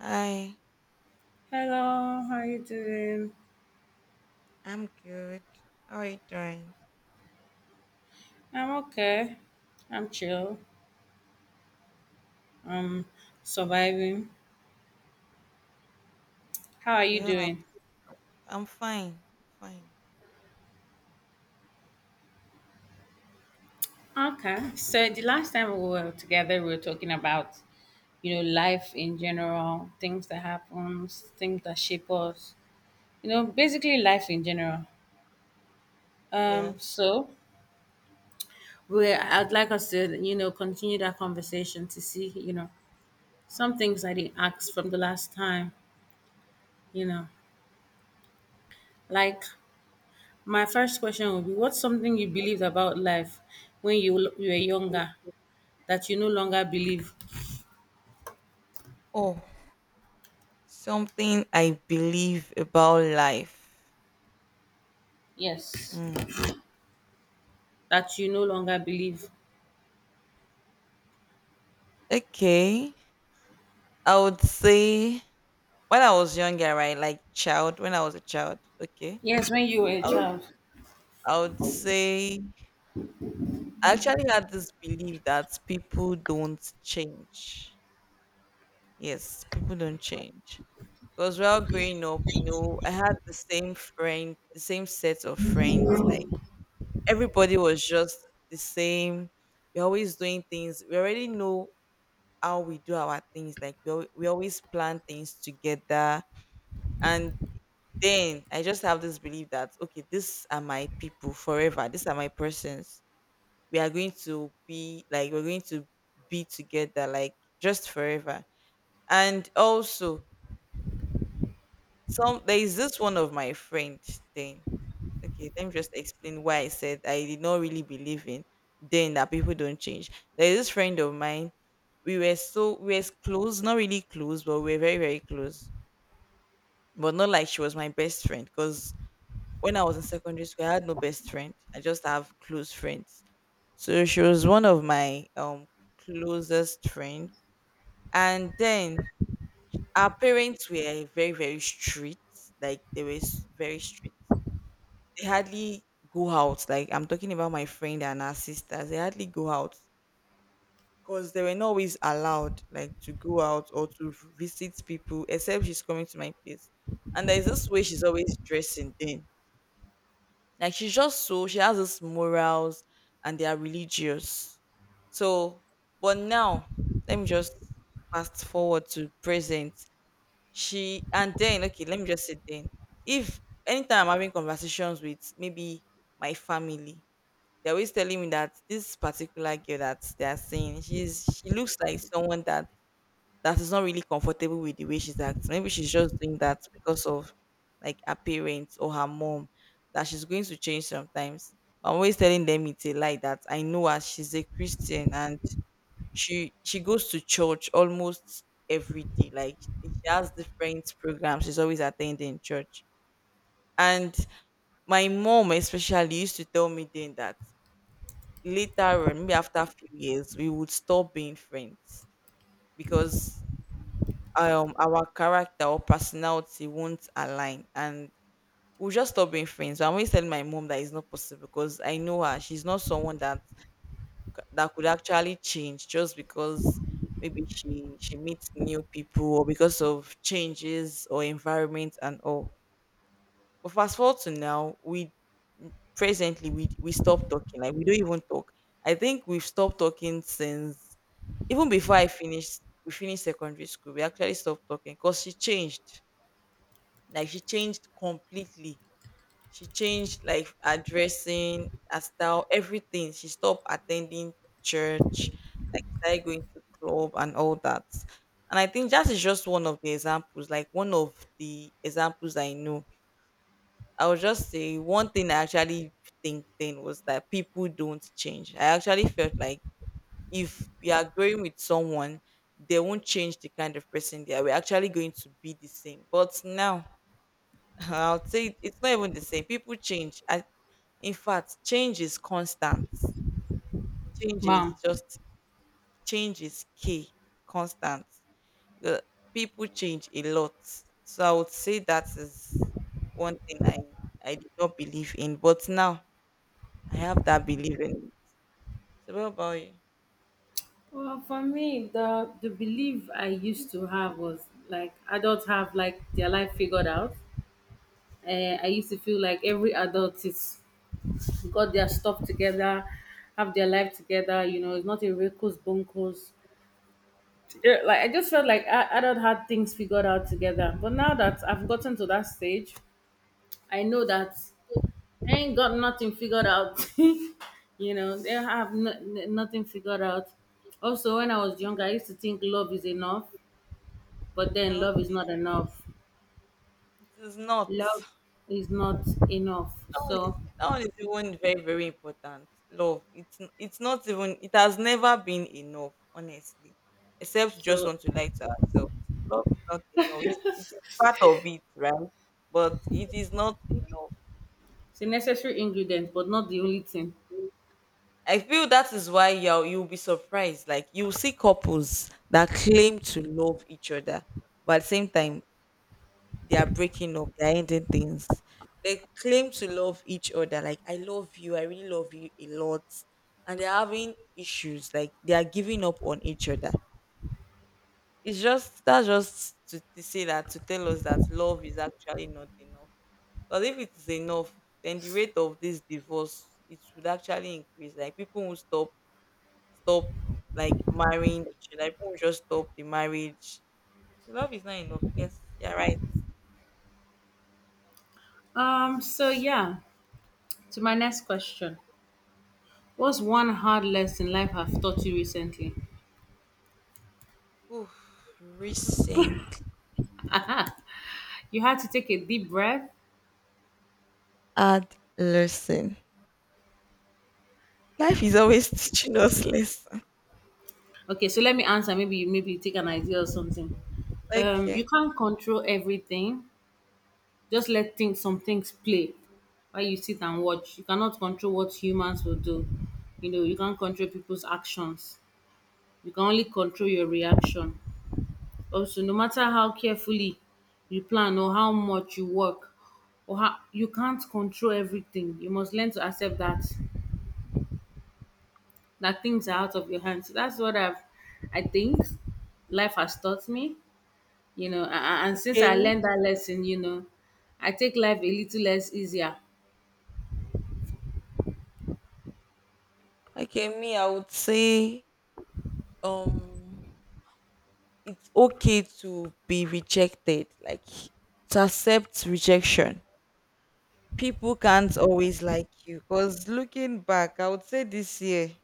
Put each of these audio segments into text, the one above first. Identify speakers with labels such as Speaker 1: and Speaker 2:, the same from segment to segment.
Speaker 1: Hi,
Speaker 2: Hello, how you doing?
Speaker 1: I'm good. How are you doing?
Speaker 2: I'm okay. I'm chill. I'm surviving. How are you
Speaker 1: We all have.
Speaker 2: doing?
Speaker 1: I'm fine. Fine.
Speaker 2: Okay. So the last time we were together, we were talking about, life in general, things that happens, things that shape us, basically life in general. Um,
Speaker 1: Yes.
Speaker 2: so we I'd like us to, continue that conversation to see, some things I didn't ask from the last time, you know, like my first question would be what's something you believed about life when you were younger that you no longer believe?
Speaker 1: Oh, something I believe about life.
Speaker 2: Yes.
Speaker 1: Mm.
Speaker 2: That you no longer believe?
Speaker 1: Okay. I would say when I was younger, right? Like child, when I was a child. Okay.
Speaker 2: Yes, when you were a
Speaker 1: I would,
Speaker 2: child.
Speaker 1: I would say I actually had this belief that people don't change. Yes, people don't change. Because while growing up, I had the same friend, the same set of friends. Like everybody was just the same. We're always doing things. We already know how we do our things. Like we always plan things together. And then I just have this belief that, okay, these are my people forever. These are my persons. We are going to be like, we're going to be together, like just forever. And also, Some there is this one of my friend then. Okay, let me just explain why I said I did not really believe in then that people don't change. There is this friend of mine. We were so we were close, not really close, but we were very, very close. But not like she was my best friend. Because when I was in secondary school, I had no best friend. I just have close friends. So she was one of my closest friend. And then our parents were very, very strict. Like they were very strict. They hardly go out. Like I'm talking about my friend and her sisters, they hardly go out because they were not always allowed like to go out or to visit people, except she's coming to my place. And there's this way she's always dressing then. Like she's just so she has this morals and they are religious. So but now let me just fast forward to present. She and then okay, let me just say then. If anytime I'm having conversations with maybe my family, they're always telling me that this particular girl that they're seeing, she looks like someone that is not really comfortable with the way she's acting. Maybe she's just doing that because of like her parents or her mom that she's going to change sometimes. But I'm always telling them it's a lie that I know her. She's a Christian and she goes to church almost every day. Like she has different programs. She's always attending church. And my mom especially used to tell me then that later on, maybe after a few years, we would stop being friends because our character or personality won't align and we'll just stop being friends. I'm always telling my mom that it's not possible because I know her. She's not someone that could actually change just because maybe she meets new people or because of changes or environment and all. But fast forward to now, we presently we stop talking. Like we don't even talk. I think we've stopped talking since. Even before I finished we finished secondary school, we actually stopped talking because she changed. Like she changed completely. She changed like her dressing, her style, everything. She stopped attending church, like started going to club and all that. And I think that is just one of the examples, like one of the examples I know. I would just say one thing I actually think then was that people don't change. I actually felt like if we are growing with someone, they won't change the kind of person they are. We're actually going to be the same. But now, I'll say it's not even the same. People change. In fact, change is constant. Change is
Speaker 2: Mom.
Speaker 1: just change is key, constant. The, People change a lot. So I would say that is one thing I did not believe in, but now I have that belief in it. So what about you?
Speaker 2: Well, for me, the belief I used to have was like adults have like their life figured out. I used to feel like every adult is got their stuff together, have their life together. It's not a recluse bunkers. Yeah, like I just felt like I don't had things figured out together. But now that I've gotten to that stage, I know that I ain't got nothing figured out. They have nothing figured out. Also, when I was younger, I used to think love is enough, but then love is
Speaker 1: Okay,
Speaker 2: not enough.
Speaker 1: it is not.
Speaker 2: Love is not enough.
Speaker 1: that one is
Speaker 2: So,
Speaker 1: that one is even very very important. Love. It's not even. It has never been enough, honestly. Except you just
Speaker 2: so
Speaker 1: want to lie to ourselves. Love is not enough. It is part of it, right? But it is not enough.
Speaker 2: it's a necessary ingredient, but not the only thing.
Speaker 1: I feel that is why you'll be surprised. Like you see couples that claim to love each other, but at the same time they are breaking up, they are ending things. They claim to love each other, like I love you, I really love you a lot, and they're having issues, like they are giving up on each other. It's just that's just to say that to tell us that love is actually not enough. Because if it is enough, then the rate of this divorce it should actually increase. Like people will stop like marrying each other. People will just stop the marriage. Love is not enough. Yes, you're right.
Speaker 2: So yeah, to my next question, what's one hard lesson life have taught you recently?
Speaker 1: Oof, recently.
Speaker 2: Aha, you had to take a deep breath.
Speaker 1: Add lesson. Life is always teaching us lesson.
Speaker 2: Okay, so let me answer. Maybe you take an idea or something. You
Speaker 1: Okay.
Speaker 2: can't control everything. Just let things some things play while you sit and watch. You cannot control what humans will do. You can't control people's actions. You can only control your reaction. Also, no matter how carefully you plan or how much you work or how you can't control everything. You must learn to accept that things are out of your hands. So that's what I've, I think, life has taught me. And since
Speaker 1: Okay.
Speaker 2: I learned that lesson, I take life a little less easier.
Speaker 1: Okay. Me, I would say um it's okay to be rejected. Like to accept rejection. People can't always like you. Cause looking back, I would say this year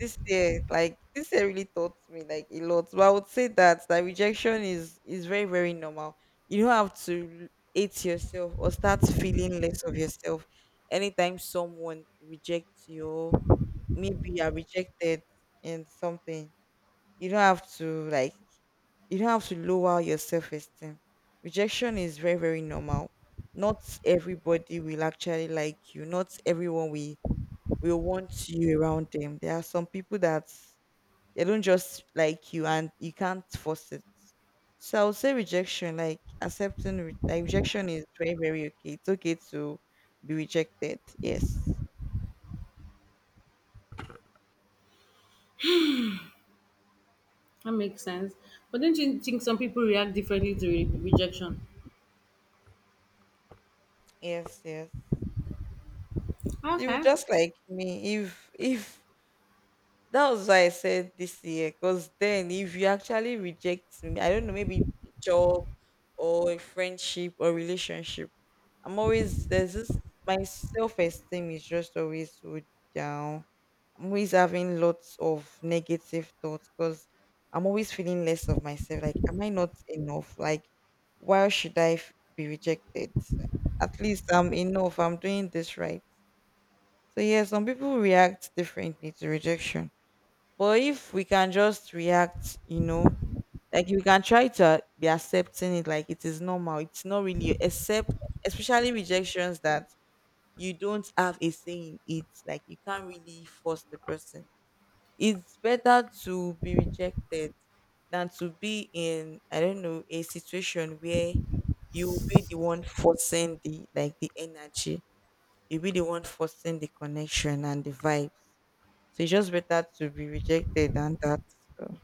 Speaker 1: This year, like this year really taught me like a lot. But I would say that rejection is very, very normal. You don't have to hate yourself or start feeling less of yourself anytime someone rejects you or maybe you are rejected in something. You don't have to like you don't have to lower your self esteem. Rejection is very, very normal. Not everybody will actually like you. Not everyone will want you around them. There are some people that they don't just like you and you can't force it. So I would say rejection, like accepting, like rejection is very, very okay. It's okay to be rejected. Yes.
Speaker 2: That makes sense. But don't you think some people react differently to rejection?
Speaker 1: Yes, yes. You
Speaker 2: Okay,
Speaker 1: just like me. If That was why I said this year, because then if you actually reject me, I don't know, maybe a job or a friendship or relationship, I'm always there's this my self esteem is just always so down. I'm always having lots of negative thoughts because I'm always feeling less of myself. Like, am I not enough? Like, why should I be rejected? At least I'm enough. I'm doing this right. So yeah, some people react differently to rejection. But if we can just react, like we can try to be accepting it like it is normal. It's not really except especially rejections that you don't have a say in it. Like you can't really force the person. It's better to be rejected than to be in, I don't know, a situation where you will be the one forcing the energy. You'll be the one forcing the connection and the vibes. So it's just better to be rejected than that. So.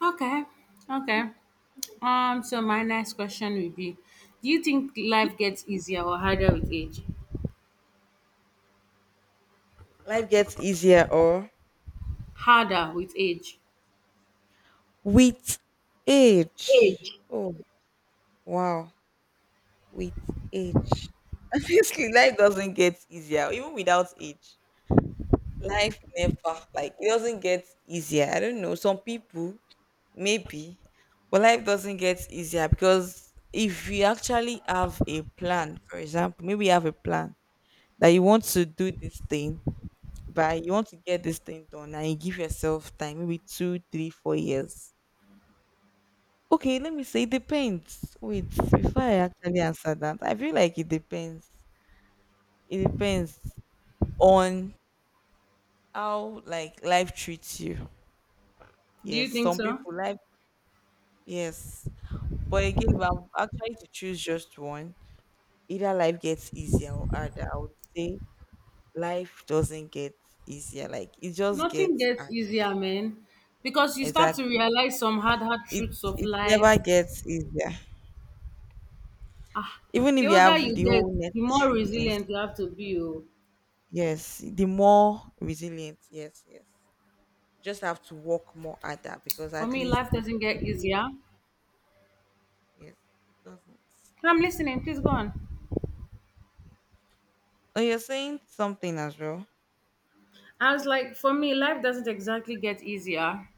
Speaker 2: okay, okay. So my next question would be, do you think life gets easier or harder with age?
Speaker 1: Life gets easier or
Speaker 2: Harder with age.
Speaker 1: with age.
Speaker 2: Age.
Speaker 1: Oh, wow. With age. Obviously, life doesn't get easier, even without age. Life never, like, it doesn't get easier. I don't know. Some people, maybe, but life doesn't get easier because if you actually have a plan, for example, maybe you have a plan that you want to do this thing, but you want to get this thing done, and you give yourself time, maybe 2, 3, 4 years. Okay, let me say it depends. Wait, before I actually answer that, I feel like it depends. It depends on how like life treats you.
Speaker 2: Do you
Speaker 1: Yes,
Speaker 2: think
Speaker 1: some
Speaker 2: so?
Speaker 1: people life yes. But again, if I'm actually to choose just one, either life gets easier or harder. I would say life doesn't get easier. Like it just
Speaker 2: Nothing
Speaker 1: gets
Speaker 2: gets
Speaker 1: hard.
Speaker 2: easier, man, because you start to
Speaker 1: Exactly.
Speaker 2: realize some hard, hard
Speaker 1: It
Speaker 2: truths of
Speaker 1: it
Speaker 2: life.
Speaker 1: never gets easier.
Speaker 2: Ah,
Speaker 1: Even
Speaker 2: the
Speaker 1: if you
Speaker 2: older
Speaker 1: have
Speaker 2: you
Speaker 1: the
Speaker 2: get,
Speaker 1: whole
Speaker 2: the more
Speaker 1: necessary things.
Speaker 2: resilient you have to be. Oh.
Speaker 1: Yes. The more resilient. Yes, yes. You just have to work more at that because
Speaker 2: For
Speaker 1: at
Speaker 2: me,
Speaker 1: least
Speaker 2: life doesn't get
Speaker 1: you
Speaker 2: easier.
Speaker 1: yes, it doesn't.
Speaker 2: I'm listening. Please go on.
Speaker 1: Oh, you're saying something as well.
Speaker 2: I was like, for me, life doesn't exactly get easier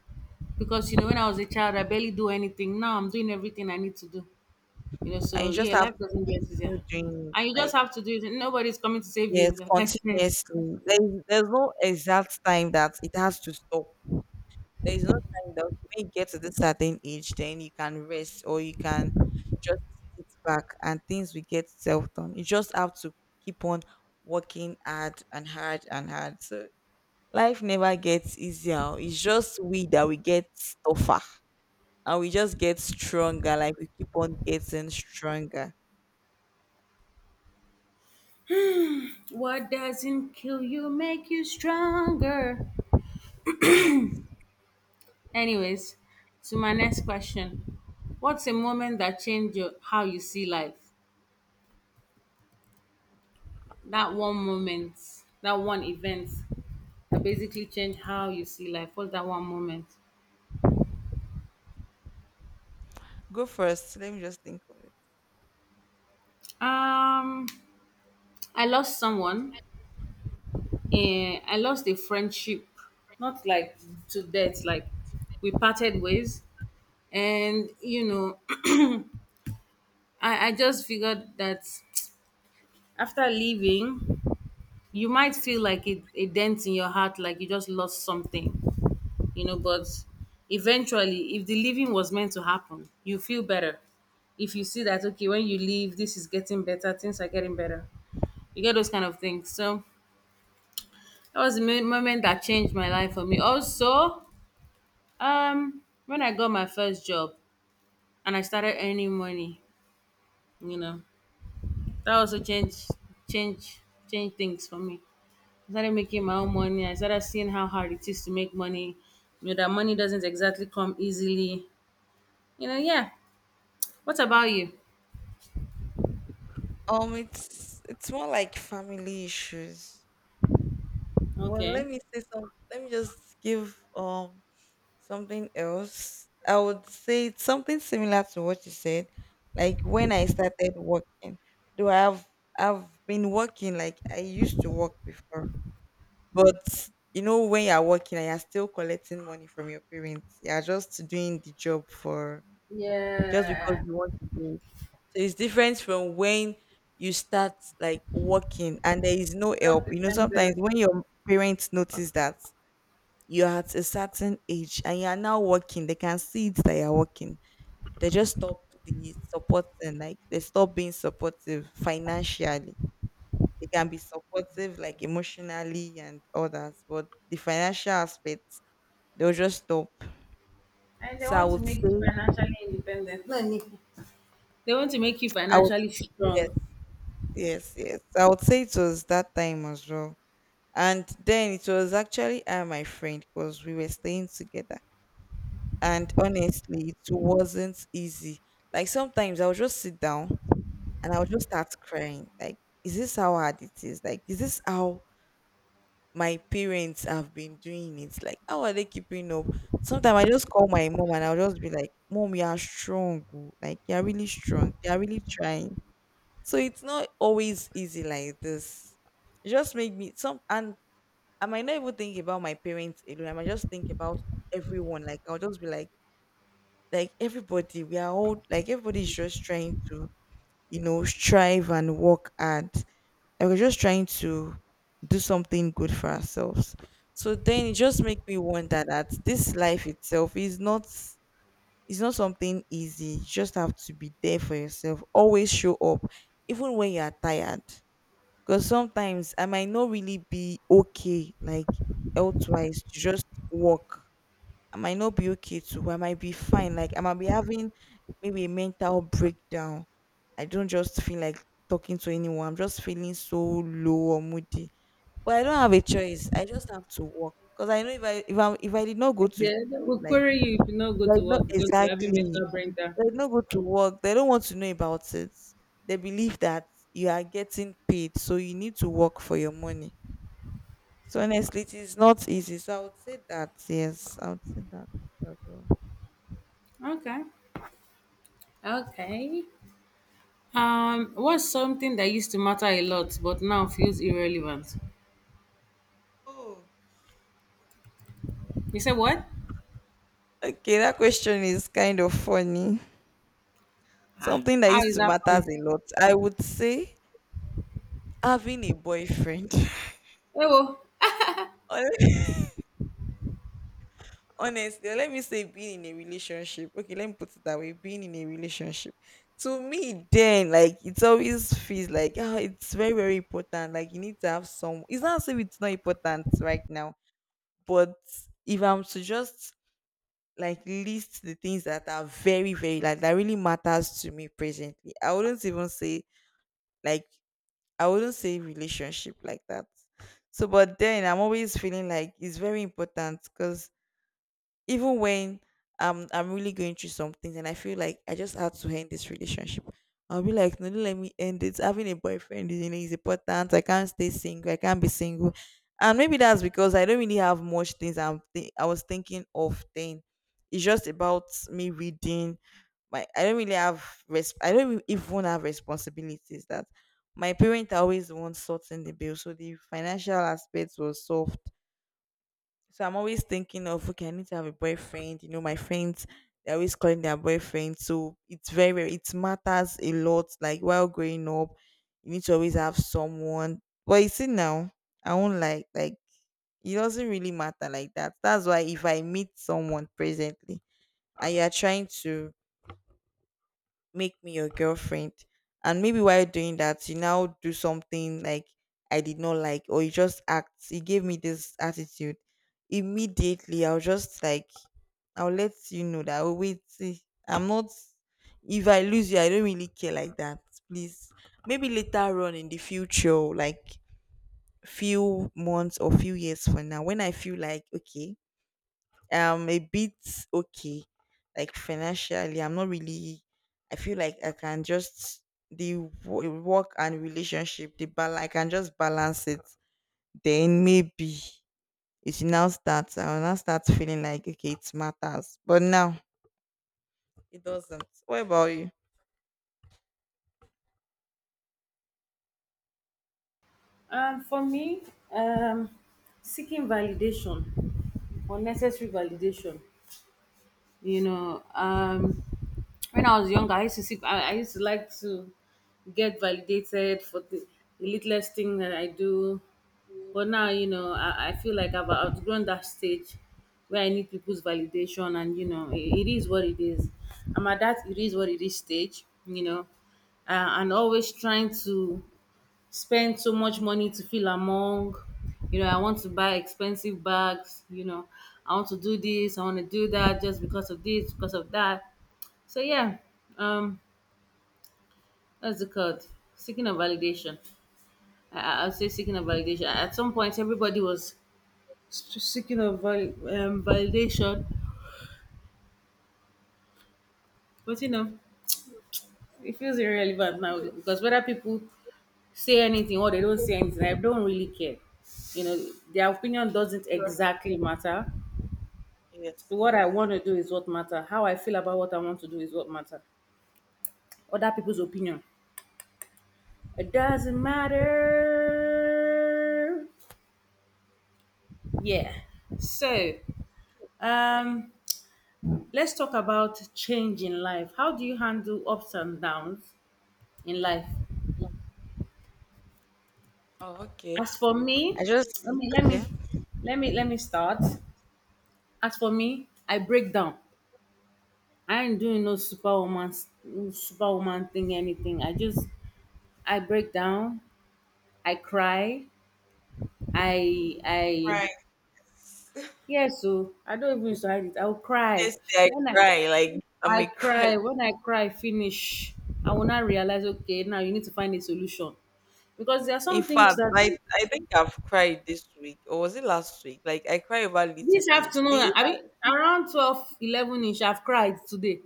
Speaker 2: because when I was a child, I barely do anything. Now I'm doing everything I need to do. You know,
Speaker 1: And
Speaker 2: so
Speaker 1: you just
Speaker 2: yeah,
Speaker 1: have
Speaker 2: life doesn't
Speaker 1: to
Speaker 2: get easier,
Speaker 1: continue doing it
Speaker 2: and you just
Speaker 1: like
Speaker 2: have to do it. Nobody's coming to save
Speaker 1: yes,
Speaker 2: you, like I said.
Speaker 1: continuously. There's no exact time that it has to stop. There is no time that when you get to this certain age, then you can rest or you can just sit back and things will get self done. You just have to keep on working hard and hard and hard. So life never gets easier. It's just we that we get tougher and we just get stronger. Like we keep on getting stronger.
Speaker 2: What doesn't kill you make you stronger.
Speaker 1: Yes.
Speaker 2: Anyways, to my next question. What's a moment that changed your, how you see life? That one moment, that one event that basically changed how you see life. What's that one moment?
Speaker 1: Go first. Let me just think of it.
Speaker 2: Um, I lost someone. And I lost a friendship, not like to death, like we parted ways. And, I just figured that after leaving, you might feel like it, a dent in your heart, like you just lost something. But eventually, if the living was meant to happen, you feel better. If you see that, okay, when you leave, this is getting better, things are getting better, you get those kind of things. So that was the moment that changed my life. For me also, when I got my first job and I started earning money, you know that also changed change change things for me. I started making my own money, I started seeing how hard it is to make money. That money doesn't exactly come easily, yeah. What about you?
Speaker 1: It's more like family issues. Well,
Speaker 2: Okay.
Speaker 1: let me say some. Let me just give something else. I would say it's something similar to what you said. Like when I started working, though I've been working. Like I used to work before. But you know, when you're working and you're still collecting money from your parents, you're just doing the job for just because
Speaker 2: Yeah,
Speaker 1: you want to do it. So it's different from when you start like working and there is no help. You know, sometimes
Speaker 2: self-dependence.
Speaker 1: when your parents notice that you're at a certain age and you are now working, they can see it that you're working. They just stop the supporting, like they stop being supportive financially. They can be supportive, like emotionally and others, but the financial aspects, they'll just stop.
Speaker 2: And they
Speaker 1: So I
Speaker 2: want to
Speaker 1: would
Speaker 2: make you
Speaker 1: say,
Speaker 2: financially independent. No, Nick, they want to make you
Speaker 1: I would,
Speaker 2: financially
Speaker 1: yes,
Speaker 2: strong.
Speaker 1: yes, yes. So I would say it was that time as well. And then it was actually I and my friend because we were staying together. And honestly, it wasn't easy. Like sometimes I would just sit down and I would just start crying. Like, is this how hard it is? Like, is this how my parents have been doing it? Like, how are they keeping up? Sometimes I just call my mom and I'll just be like, Mom, you are strong. Oh. Like, you are really strong. You are really trying. So it's not always easy like this. It just make me some and I might not even think about my parents alone. I might just think about everyone. Like I'll just be like everybody, we are all like everybody's just trying to, you know, strive and work hard. Like we're just trying to do something good for ourselves. So then it just makes me wonder that this life itself is not, it's not something easy. You just have to be there for yourself. Always show up, even when you are tired. Because sometimes I might not really be okay, like elsewise, to just work, I might not be okay too. I might be fine. Like I might be having maybe a mental breakdown. I don't just feel like talking to anyone. I'm just feeling so low or moody. But I don't have a choice. I just have to work because I know if I did not go
Speaker 2: Like,
Speaker 1: to,
Speaker 2: they will
Speaker 1: like
Speaker 2: query you if you not go to
Speaker 1: like not
Speaker 2: work because you're having
Speaker 1: exactly, if
Speaker 2: mental brain down.
Speaker 1: I did not go to work, they don't want to know about it. They believe that you are getting paid, so you need to work for your money. So honestly, it is not easy. So I would say that, yes, I would say that as well.
Speaker 2: Okay. Okay. What's something that used to matter a lot but now feels irrelevant?
Speaker 1: Oh.
Speaker 2: You said what?
Speaker 1: Okay, that question is kind of funny.
Speaker 2: Ah,
Speaker 1: Something that
Speaker 2: how
Speaker 1: used
Speaker 2: is
Speaker 1: to
Speaker 2: that funny?
Speaker 1: matters a lot. I would say having a boyfriend.
Speaker 2: Oh,
Speaker 1: Hon- Honestly, let me say being in a relationship. Okay, let me put it that way. Being in a relationship. To me, then, like, it always feels like, oh, it's very, very important. Like, you need to have some. It's not as if it's not important right now, but if I'm to just like list the things that are very, very like that really matters to me presently, I wouldn't even say, like, I wouldn't say relationship like that. So, but then I'm always feeling like it's very important because even when I'm really going through some things and I feel like I just have to end this relationship, I'll be like, no, don't let me end it. Having a boyfriend is, you know, is important. I can't stay single. I can't be single. And maybe that's because I don't really have much things I was thinking of then. It's just about me reading my, I don't really have I don't even have responsibilities. That my parents are always the ones sorting the bill. So the financial aspect was solved. So I'm always thinking of, okay, I need to have a boyfriend. You know, my friends, they're always calling their boyfriend. So it's it matters a lot. Like while growing up, you need to always have someone. But you see now, I won't like it doesn't really matter like that. That's why if I meet someone presently and you're trying to make me your girlfriend. And maybe while doing that, you now do something like I did not like, or you just act, you gave me this attitude. Immediately, I'll just like, I'll let you know that, oh, wait, see, I'm not, if I lose you, I don't really care like that. Please, maybe later on in the future, like few months or few years from now, when I feel like, okay, a bit okay, like financially I'm not really, I feel like I can just, the work and relationship, the bal, I can just balance it, then maybe it should now starts, I will now start feeling like okay it matters. But now it doesn't. What about you?
Speaker 2: for me, um, seeking validation, unnecessary validation. you know um when I was younger, I used to see I used to like to get validated for the littlest thing that I do. But now, I feel like I've outgrown that stage where I need people's validation. And it is what it is. I'm at that it is what it is stage, and always trying to spend so much money to feel among. I want to buy expensive bags, I want to do this, I want to do that, just because of this, because of that. So yeah, um, that's the code. Seeking a validation. I'll say seeking a validation. At some point, everybody was seeking a validation, but it feels irrelevant now because whether people say anything or they don't say anything, I don't really care. you know their opinion doesn't exactly matter.
Speaker 1: Yes,
Speaker 2: What I
Speaker 1: yes.
Speaker 2: want to do is what matter. How I feel about what I want to do is what matter. Other people's opinion. It doesn't matter. Yeah. So, um, let's talk about change in life. How do you handle ups and downs in life?
Speaker 1: Oh, okay.
Speaker 2: As for me,
Speaker 1: I just,
Speaker 2: let me let
Speaker 1: okay.
Speaker 2: me let me start. As for me, I break down. I ain't doing no superwoman thing anything. I break down. I cry. I
Speaker 1: Right.
Speaker 2: Yes, so I don't even used to hide it. I'll cry.
Speaker 1: Honestly, I
Speaker 2: When
Speaker 1: cry. Like I'm a cry,
Speaker 2: I cry finish, I will not realize okay now you need to find a solution. Because there are
Speaker 1: in
Speaker 2: some things
Speaker 1: fact,
Speaker 2: that
Speaker 1: I think I've cried this week, or was it last week? Like I cry over little
Speaker 2: this
Speaker 1: things,
Speaker 2: afternoon
Speaker 1: things
Speaker 2: I
Speaker 1: that,
Speaker 2: mean around 12:11. 11 ish I've cried today.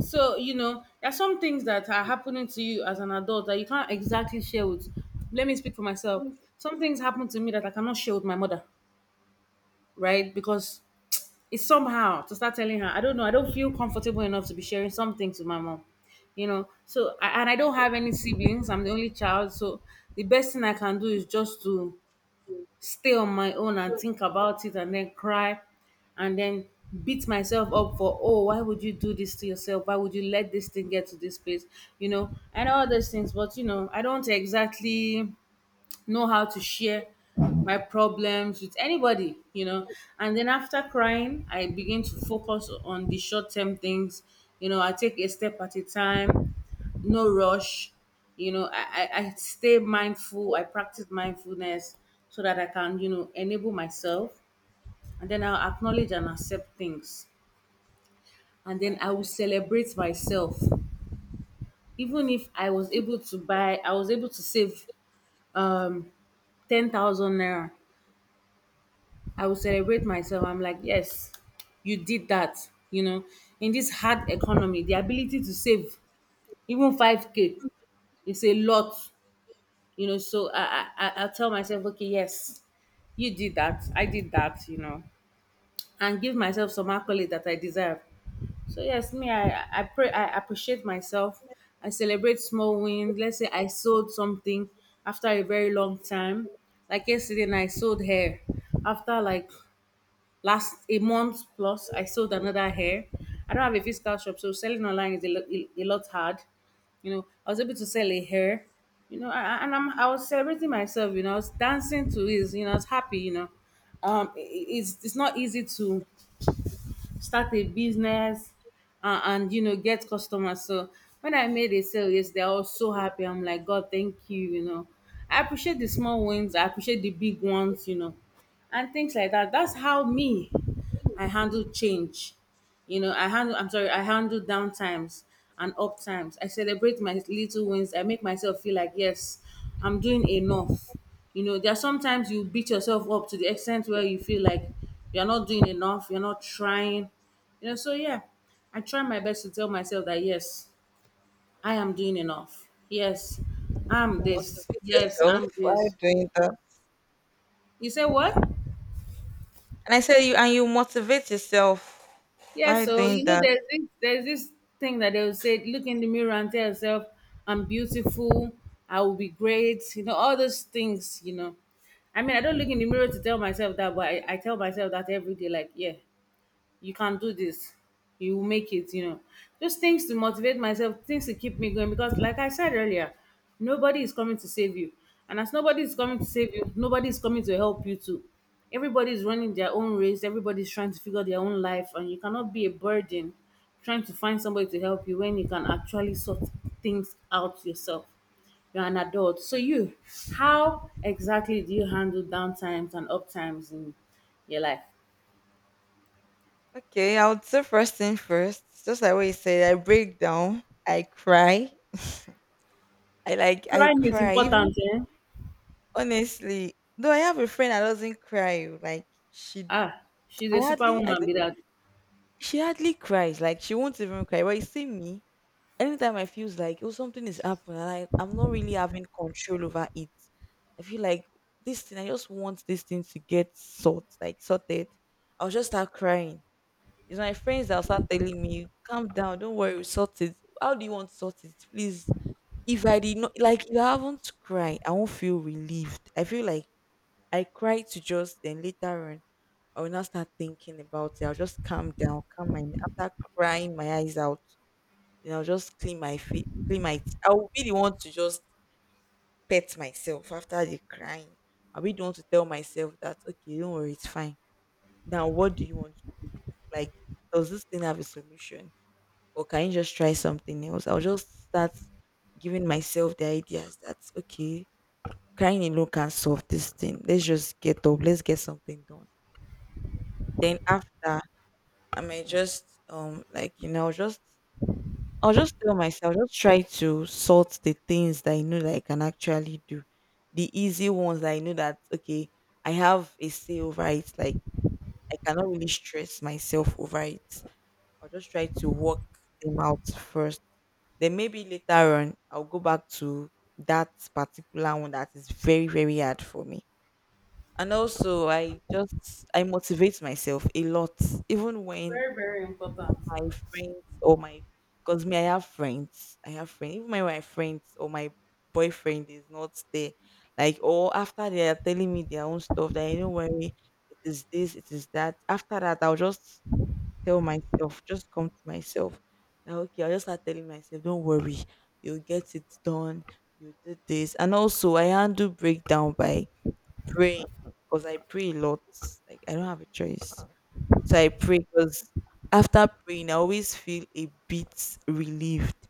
Speaker 2: So there are some things that are happening to you as an adult that you can't exactly share with. Let me speak for myself. Some things happen to me that I cannot share with my mother, right? Because it's somehow to start telling her, I don't know, I don't feel comfortable enough to be sharing something to my mom. I- and I don't have any siblings. I'm the only child, so the best thing I can do is just to stay on my own and think about it, and then cry, and then beat myself up for, oh, why would you do this to yourself, why would you let this thing get to this place, and all those things. But I don't exactly know how to share my problems with anybody. And then after crying, I begin to focus on the short term things. I take a step at a time, no rush. I stay mindful, I practice mindfulness so that I can, enable myself. And then I'll acknowledge and accept things. And then I will
Speaker 1: exactly,
Speaker 2: celebrate myself. Even if I was able to buy, I was able to save um, 10,000 naira, I will celebrate myself. I'm like, yes, you did that. In this hard economy, the ability to save even 5K is a lot. I'll tell myself, okay, yes, you did that. I did that, and give myself some accolade that I deserve. So yes, me, I pray, I appreciate myself. I celebrate small wins. Let's say I sold something after a very long time. Like yesterday night, I sold hair after like last a month plus I sold another hair. I don't have a physical shop, so selling online is a, lo- a lot hard. I was able to sell a hair. You know I- and I'm, I was celebrating myself, I was dancing to it, I was happy, it's not easy to start a business. And get customers. So when I made a sale yesterday, I was so happy. I'm like, God, thank you. You know I appreciate the small wins, I appreciate the big ones. And things like that. That's how me, I handle change. I'm sorry, I handle down times and up times. I celebrate my little wins. I make myself feel like, yes, I'm doing enough. There are sometimes you beat yourself up to the extent where you feel like you're not doing enough, you're not trying. So yeah, I try my best to tell myself that, yes, I am doing enough. Yes, I'm
Speaker 1: you
Speaker 2: this.
Speaker 1: motivate
Speaker 2: Yes,
Speaker 1: yourself
Speaker 2: I'm
Speaker 1: while
Speaker 2: this.
Speaker 1: doing that.
Speaker 2: You say what?
Speaker 1: And I said you, and you motivate yourself
Speaker 2: Yeah,
Speaker 1: while
Speaker 2: so
Speaker 1: doing that.
Speaker 2: there's this thing that they'll say, look in the mirror and tell yourself, I'm beautiful, I will be great, all those things. I mean, I don't look in the mirror to tell myself that, but I tell myself that every day, like, yeah, you can do this, you will make it. Just things to motivate myself, things to keep me going, because like I said earlier, nobody is coming to save you. And as nobody is coming to save you, nobody is coming to help you too. Everybody is running their own race, everybody is trying to figure their own life, and you cannot be a burden trying to find somebody to help you when you can actually sort things out yourself. You're an adult, so you, how exactly do you handle down times and up times in your life?
Speaker 1: Okay, I would say first thing first, just like what you said, I break down, I cry, I like I
Speaker 2: Crying is
Speaker 1: cry. Even
Speaker 2: important, eh?
Speaker 1: honestly, though I have a friend that doesn't cry, like she,
Speaker 2: Ah, she's
Speaker 1: I
Speaker 2: a
Speaker 1: hardly, I
Speaker 2: superwoman,
Speaker 1: think
Speaker 2: be that.
Speaker 1: she hardly cries, like she won't even cry. But you see me. Anytime I feels like, oh something is happening and I'm not really having control over it, I feel like this thing, I just want this thing to get sort, like sorted. I'll just start crying. It's my friends that'll start telling me, calm down, don't worry, we'll sort it. How do you want to sort it? Please. If I did not like, if I haven't cried, I won't feel relieved. I feel like I cry to just then later on I will not start thinking about it. I'll just calm down, calm my, after crying my eyes out. Then I'll just clean my feet, clean my. I will be the one to just pet myself after the crying. I'll be the one to tell myself that okay, don't worry, it's fine. Now, what do you want to do? Like, does this thing have a solution, or can you just try something else? I'll just start giving myself the ideas that okay, crying alone can solve this thing. Let's just get up. Let's get something done. Then after, I might just like, you know, just, I'll just tell myself, just try to sort the things that I know that I can actually do. The easy ones that I know that, okay, I have a say over it. Like, I cannot really stress myself over it. I'll just try to work them out first. Then maybe later on, I'll go back to that particular one that is very, very hard for me. And also, I just, I motivate myself a lot, even when
Speaker 2: Very, very important.
Speaker 1: my friends or my, because me, I have friends. I have friends. Even my friends or my boyfriend is not there. Like or after they are telling me their own stuff that I don't worry, it is this, it is that. After that I'll just tell myself, just come to myself. That okay, I'll just start telling myself, don't worry, you'll get it done, you did this. And also I handle breakdown by praying because I pray a lot. Like I don't have a choice. So I pray because after praying, I always feel a bit relieved.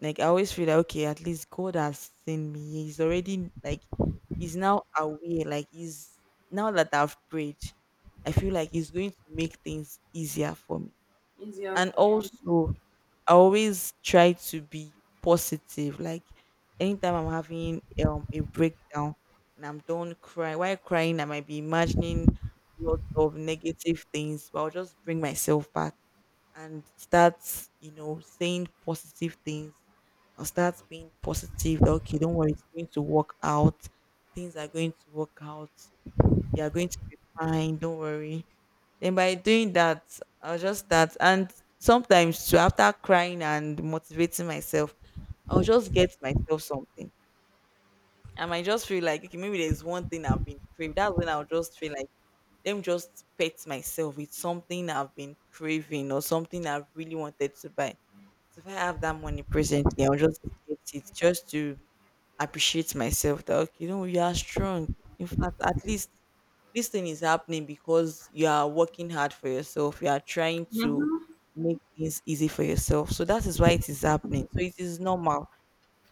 Speaker 1: Like I always feel like okay, at least God has seen me. He's already like he's now aware. Like he's now that I've prayed, I feel like he's going to make things easier for me.
Speaker 2: Easier
Speaker 1: And
Speaker 2: for you.
Speaker 1: also I always try to be positive. Like anytime I'm having a breakdown and I'm done crying, while crying, I might be imagining lots of negative things, but I'll just bring myself back and start, you know, saying positive things. I'll start being positive. That, okay, don't worry, it's going to work out. Things are going to work out. You are going to be fine. Don't worry, then by doing that, I will just that. And sometimes too, after crying and motivating myself, I'll just get myself something. I might just feel like okay, maybe there's one thing I've been craving. That's when I'll just feel like, let me just pet myself with something I've been craving or something I've really wanted to buy. So if I have that money presently, I'll just get it just to appreciate myself that okay, you know, you are strong. In fact, at least this thing is happening because you are working hard for yourself. You are trying to
Speaker 2: Mhm.
Speaker 1: make things easy for yourself. So that is why it is happening. So it is normal.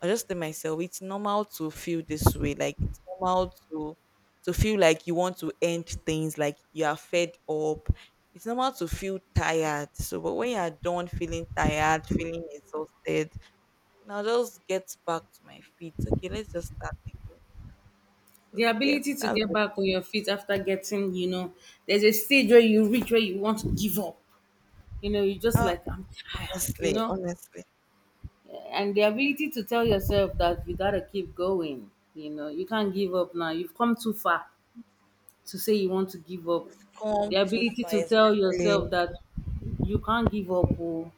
Speaker 1: I just tell myself it's normal to feel this way. Like it's normal to feel like you want to end things, like you are fed up. It's normal to feel tired. So but when you are done feeling tired, feeling exhausted, then I'll just get back to my feet. Okay, let's just start again.
Speaker 2: The
Speaker 1: So
Speaker 2: ability
Speaker 1: yes,
Speaker 2: to
Speaker 1: that's
Speaker 2: get
Speaker 1: it.
Speaker 2: back on your feet after getting, there's a stage where you reach where you want to give up. You just
Speaker 1: Ah,
Speaker 2: like, I'm tired, you
Speaker 1: honestly,
Speaker 2: know?
Speaker 1: honestly.
Speaker 2: And the ability to tell yourself that you gotta keep going, you can't give up now. You've come too far to say you want to give up.
Speaker 1: You've
Speaker 2: The
Speaker 1: come too
Speaker 2: ability
Speaker 1: far.
Speaker 2: to tell
Speaker 1: Exactly.
Speaker 2: yourself that you can't give up, oh,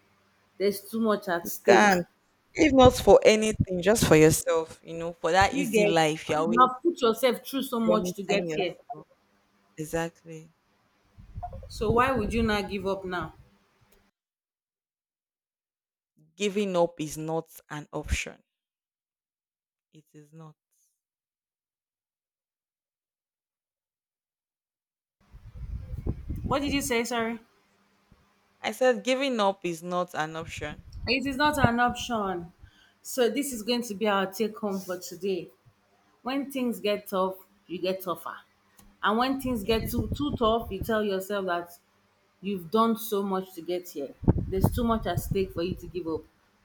Speaker 2: there's too much at stake.
Speaker 1: Can't. If not for anything, just for yourself. You know, for that
Speaker 2: You
Speaker 1: easy
Speaker 2: get?
Speaker 1: life, you're
Speaker 2: You
Speaker 1: always
Speaker 2: have put yourself through so much to
Speaker 1: promising
Speaker 2: get here.
Speaker 1: yourself. Exactly.
Speaker 2: So why would you not give up now?
Speaker 1: Giving up is not an option. It is not.
Speaker 2: What did you say? Sorry.
Speaker 1: I said giving up is not an option.
Speaker 2: It is not an option. So this is going to be our take home for today. When things get tough, you get tougher. And when things get
Speaker 1: Yes.
Speaker 2: too too tough, you tell yourself that you've done so much to get here. There's too much at stake for you to give up.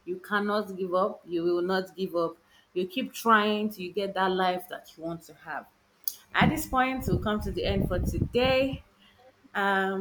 Speaker 2: You cannot give up. You will not give up. You keep trying till you get that life that you want to have. At this point, we'll come to the end for today. Um,